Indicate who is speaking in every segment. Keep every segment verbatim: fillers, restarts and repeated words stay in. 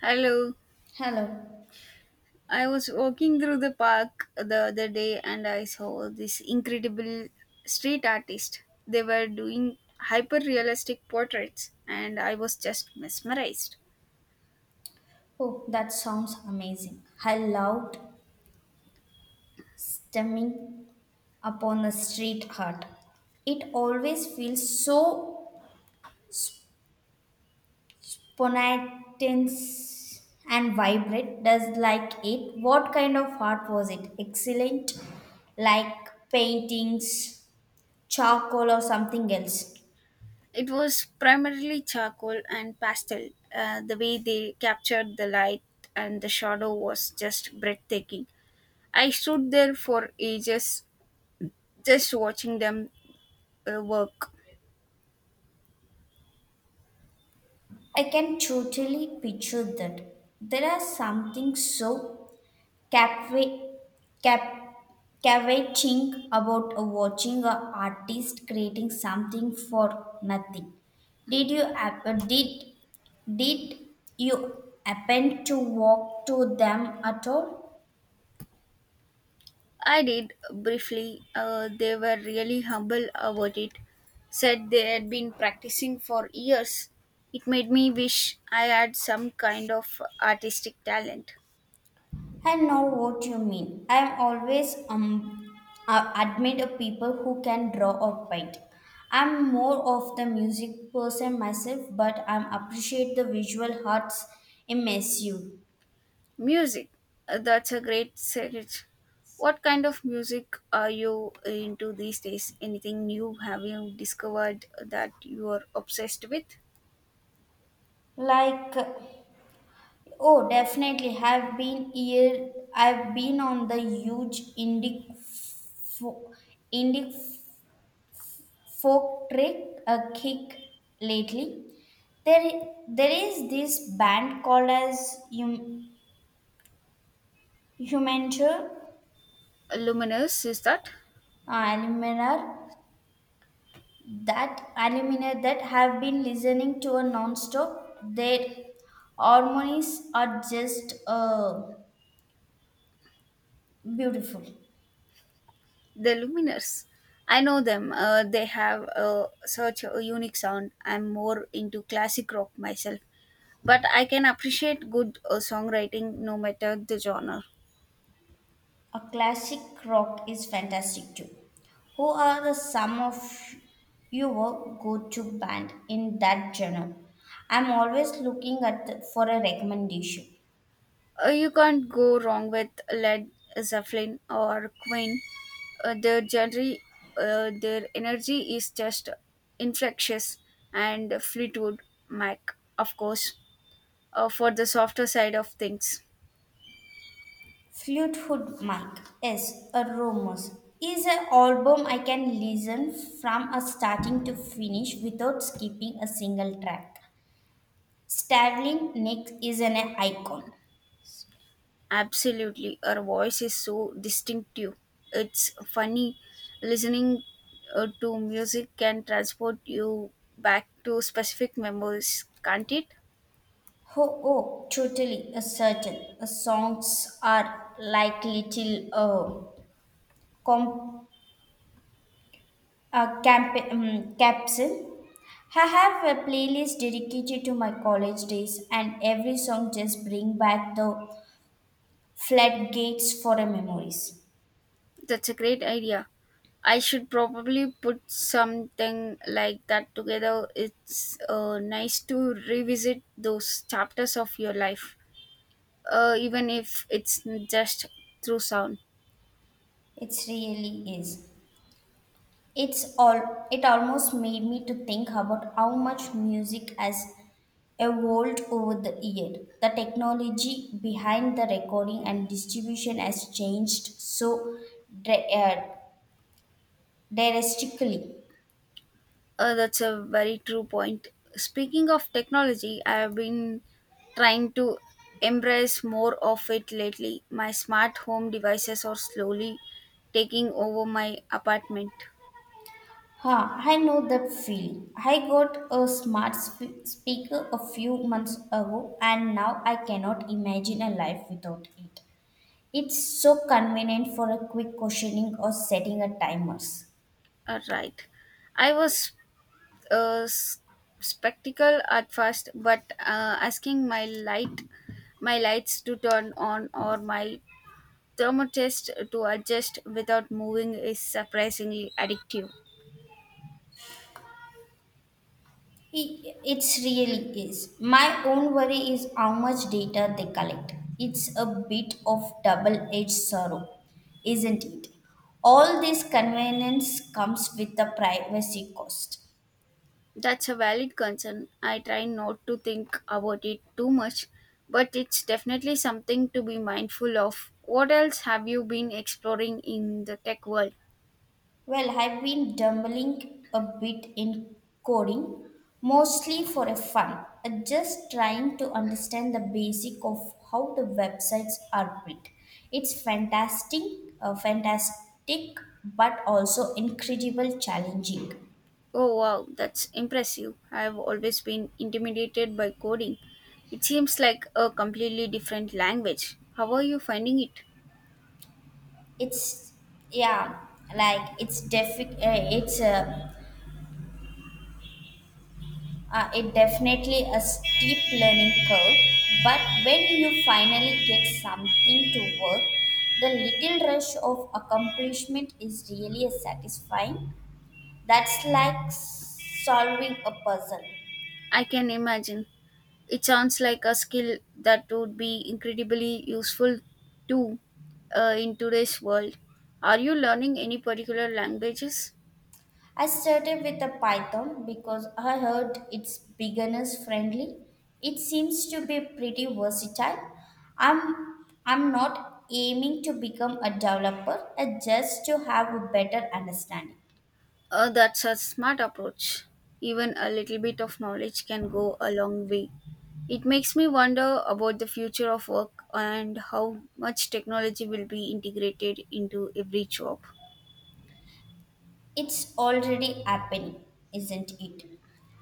Speaker 1: Hello.
Speaker 2: Hello.
Speaker 1: I was walking through the park the other day and I saw this incredible street artist. They were doing hyper realistic portraits and I was just mesmerized.
Speaker 2: Oh, that sounds amazing. I loved stemming upon the street art. It always feels so spontaneous and vibrant. Does like it? What kind of art was it? Excellent, like paintings, charcoal, or something else.
Speaker 1: It was primarily charcoal and pastel. Uh, the way they captured the light and the shadow was just breathtaking. I stood there for ages just watching them uh, work.
Speaker 2: I can totally picture that. There is something so Cava- cap- Cavating about watching an artist creating something for nothing. Did you ap- did did you happen to walk to them at all?
Speaker 1: I did briefly. Uh, they were really humble about it. Said they had been practicing for years. It made me wish I had some kind of artistic talent.
Speaker 2: I know what you mean. I am always um uh, admit people who can draw or paint. I'm more of the music person myself, but I appreciate the visual arts immensely.
Speaker 1: Music. Uh, that's a great search. What kind of music are you into these days? Anything new have you discovered that you are obsessed with?
Speaker 2: Like, oh, definitely. Have been here. I've been on the huge Indic fo- Indic folk trick a kick lately. There, there is this band called as hum, Humanture,
Speaker 1: Luminous, is that?
Speaker 2: uh, Alumina, that Alumina that have been listening to a non-stop. Their harmonies are just uh, beautiful.
Speaker 1: The Luminers. I know them. Uh, they have uh, such a unique sound. I'm more into classic rock myself, but I can appreciate good uh, songwriting no matter the genre.
Speaker 2: A classic rock is fantastic too. Who are the some of your go-to band in that genre? I'm always looking at the- for a recommendation.
Speaker 1: Uh, you can't go wrong with Led Zeppelin or Queen. Uh, their genre, uh, their energy is just infectious, and Fleetwood Mac, of course, uh, for the softer side of things.
Speaker 2: Fleetwood Mac is a rumors is an album I can listen from a starting to finish without skipping a single track. Starling Nick is an icon.
Speaker 1: Absolutely, her voice is so distinctive. It's funny listening uh, to music can transport you back to specific memories, can't it?
Speaker 2: Oh, oh, totally, a certain. A songs are like little uh, com- uh, camp- um, capsule. I have a playlist dedicated to my college days, and every song just bring back the floodgates for the memories.
Speaker 1: That's a great idea. I should probably put something like that together. It's uh, nice to revisit those chapters of your life, uh, even if it's just through sound.
Speaker 2: It really is. It's all. It almost made me to think about how much music has evolved over the year. The technology behind the recording and distribution has changed so dra- uh, drastically.
Speaker 1: Uh, that's a very true point. Speaking of technology, I have been trying to embrace more of it lately. My smart home devices are slowly taking over my apartment.
Speaker 2: Ha, I know that feeling. I got a smart sp- speaker a few months ago and now I cannot imagine a life without it. It's so convenient for a quick questioning or setting a timers.
Speaker 1: All right. I was uh, s- skeptical at first, but uh, asking my light, my lights to turn on or my thermotest to adjust without moving is surprisingly addictive.
Speaker 2: It it's really is. My own worry is how much data they collect. It's a bit of double-edged sorrow, isn't it? All this convenience comes with a privacy cost.
Speaker 1: That's a valid concern. I try not to think about it too much, but it's definitely something to be mindful of. What else have you been exploring in the tech world?
Speaker 2: Well, I've been dabbling a bit in coding, mostly for a fun, uh, just trying to understand the basic of how the websites are built. It's fantastic, uh, fantastic, but also incredible challenging.
Speaker 1: Oh wow, that's impressive. I've always been intimidated by coding. It seems like a completely different language. How are you finding it?
Speaker 2: It's yeah, like it's defi- uh, it's uh, Uh, it definitely a steep learning curve, but when you finally get something to work, the little rush of accomplishment is really satisfying. That's like solving a puzzle.
Speaker 1: I can imagine. It sounds like a skill that would be incredibly useful too uh, in today's world. Are you learning any particular languages?
Speaker 2: I started with a Python because I heard it's beginners friendly. It seems to be pretty versatile. I'm I'm not aiming to become a developer, uh, just to have a better understanding.
Speaker 1: Uh, that's a smart approach. Even a little bit of knowledge can go a long way. It makes me wonder about the future of work and how much technology will be integrated into every job.
Speaker 2: It's already happening, isn't it?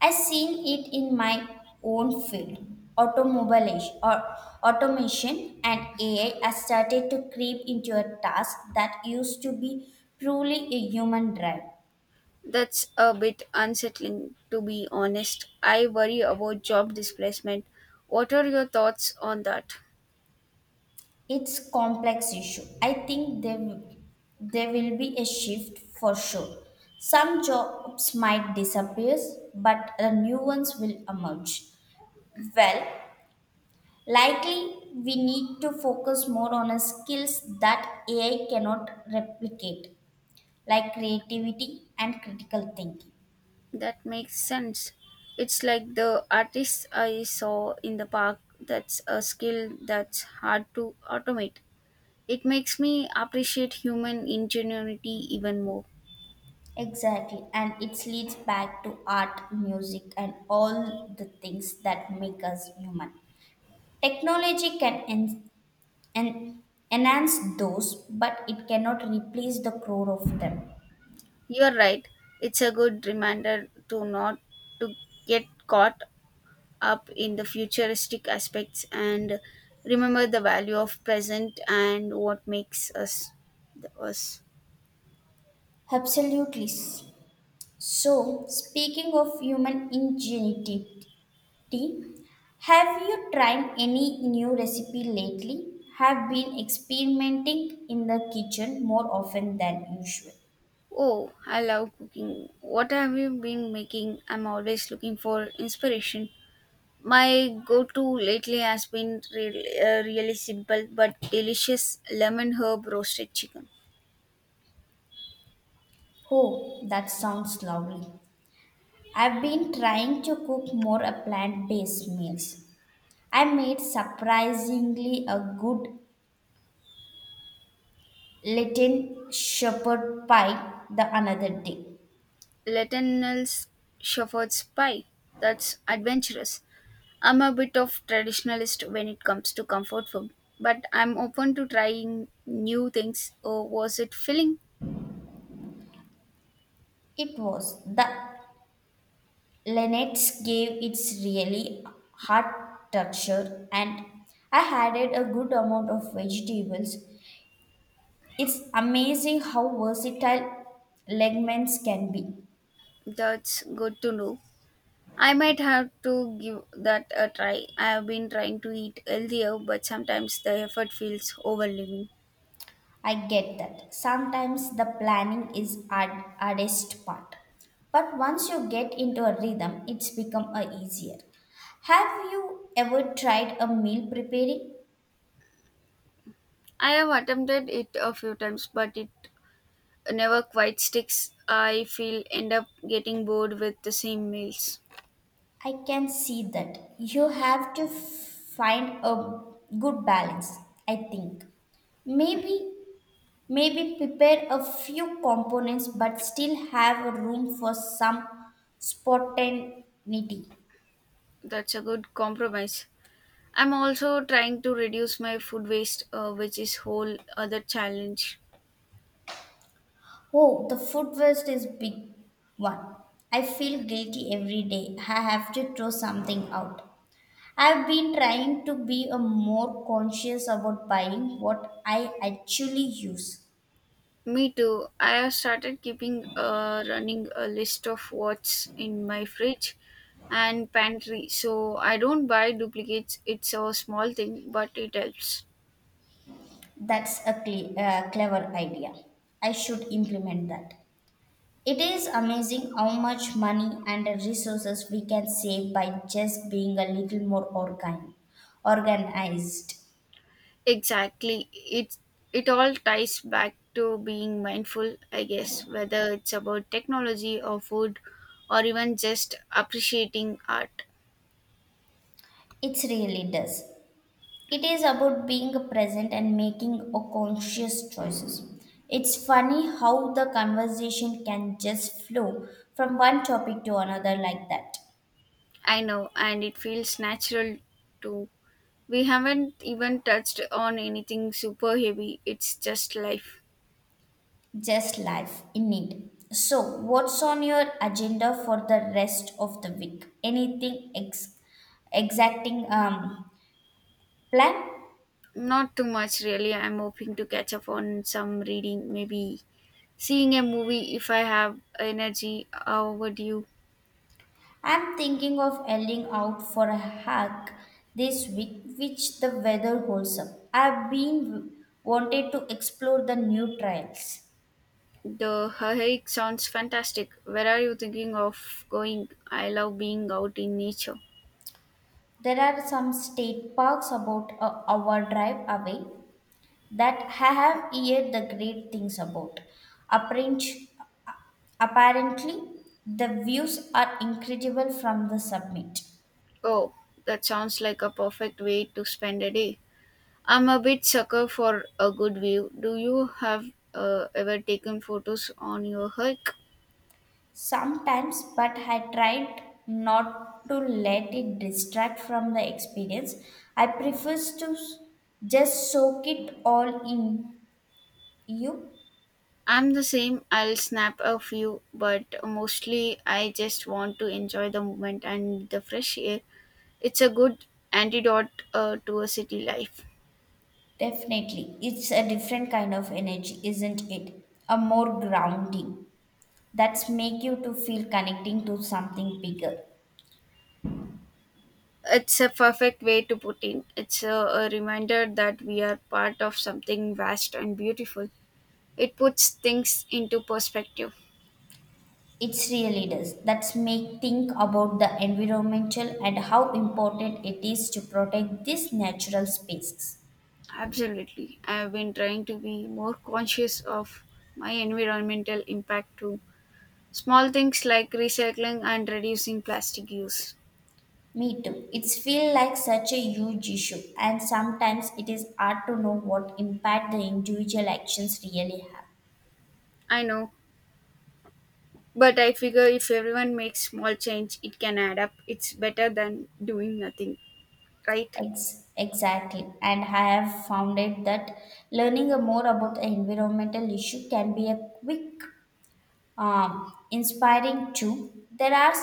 Speaker 2: I've seen it in my own field. Automobile or automation and A I has started to creep into a task that used to be purely a human drive.
Speaker 1: That's a bit unsettling, to be honest. I worry about job displacement. What are your thoughts on that?
Speaker 2: It's complex issue. I think there, there will be a shift for sure. Some jobs might disappear, but the new ones will emerge. Well, likely, we need to focus more on a skills that A I cannot replicate, like creativity and critical thinking.
Speaker 1: That makes sense. It's like the artists I saw in the park. That's a skill that's hard to automate. It makes me appreciate human ingenuity even more.
Speaker 2: Exactly, and it leads back to art, music, and all the things that make us human. Technology can en- en- enhance those, but it cannot replace the core of them.
Speaker 1: You're right. It's a good reminder to not to get caught up in the futuristic aspects and remember the value of present and what makes us the us.
Speaker 2: Absolutely. So, speaking of human ingenuity, T, have you tried any new recipe lately? Have been experimenting in the kitchen more often than usual.
Speaker 1: Oh, I love cooking. What have you been making? I'm always looking for inspiration. My go to lately has been really, uh, really simple but delicious lemon herb roasted chicken.
Speaker 2: Oh, that sounds lovely. I've been trying to cook more a plant-based meals. I made surprisingly a good Latin shepherd pie the another day.
Speaker 1: Lettenell's shepherd's pie. That's adventurous. I'm a bit of traditionalist when it comes to comfort food, but I'm open to trying new things. Oh, was it filling?
Speaker 2: It was the Lennox gave its really hard texture and I added a good amount of vegetables. It's amazing how versatile legumes can be.
Speaker 1: That's good to know. I might have to give that a try. I have been trying to eat healthier, but sometimes the effort feels overwhelming.
Speaker 2: I get that. Sometimes the planning is hard, hardest part. But once you get into a rhythm, it's become a easier. Have you ever tried a meal preparing?
Speaker 1: I have attempted it a few times, but it never quite sticks. I feel end up getting bored with the same meals.
Speaker 2: I can see that. You have to find a good balance, I think. Maybe maybe prepare a few components but still have a room for some spontaneity.
Speaker 1: That's a good compromise. I'm also trying to reduce my food waste, uh, which is whole other challenge.
Speaker 2: Oh, the food waste is big one. I feel guilty every day. I have to throw something out. I've been trying to be a more conscious about buying what I actually use.
Speaker 1: Me too. I have started keeping uh, running a list of what's in my fridge and pantry, so I don't buy duplicates. It's a small thing, but it helps.
Speaker 2: That's a cle- uh, clever idea. I should implement that. It is amazing how much money and resources we can save by just being a little more organ- organized.
Speaker 1: Exactly. It it all ties back to being mindful, I guess, whether it's about technology or food or even just appreciating art.
Speaker 2: It really does. It is about being present and making a conscious choices. It's funny how the conversation can just flow from one topic to another like that.
Speaker 1: I know, and it feels natural too. We haven't even touched on anything super heavy. It's just life.
Speaker 2: Just life, indeed. So, what's on your agenda for the rest of the week? Anything ex- exacting um, plan?
Speaker 1: Not too much, really. I'm hoping to catch up on some reading, maybe seeing a movie if I have energy. How would you?
Speaker 2: I'm thinking of heading out for a hike this week, which the weather holds up. I've been wanted to explore the new trails.
Speaker 1: The hike sounds fantastic. Where are you thinking of going? I love being out in nature.
Speaker 2: There are some state parks about a hour drive away that I have heard the great things about. Apparent- Apparently, the views are incredible from the summit.
Speaker 1: Oh, that sounds like a perfect way to spend a day. I'm a bit sucker for a good view. Do you have uh, ever taken photos on your hike?
Speaker 2: Sometimes, but I tried not to let it distract from the experience. I prefer to s- just soak it all in you.
Speaker 1: I'm the same. I'll snap a few, but mostly I just want to enjoy the moment and the fresh air. It's a good antidote uh, to a city life.
Speaker 2: Definitely, it's a different kind of energy, isn't it? A more grounding that's make you to feel connecting to something bigger.
Speaker 1: It's a perfect way to put in. It's a, a reminder that we are part of something vast and beautiful. It puts things into perspective.
Speaker 2: It's really does. That's make think about the environmental and how important it is to protect these natural spaces.
Speaker 1: Absolutely. I've been trying to be more conscious of my environmental impact too. Small things like recycling and reducing plastic use.
Speaker 2: Me too. It's feel like such a huge issue and sometimes it is hard to know what impact the individual actions really have.
Speaker 1: I know, but I figure if everyone makes small change, it can add up. It's better than doing nothing, right?
Speaker 2: Ex- exactly. And I have found it that learning more about the environmental issue can be a quick um, inspiring too. There are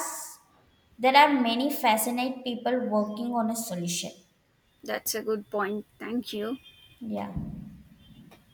Speaker 2: There are many fascinate people working on a solution.
Speaker 1: That's a good point. Thank you.
Speaker 2: Yeah.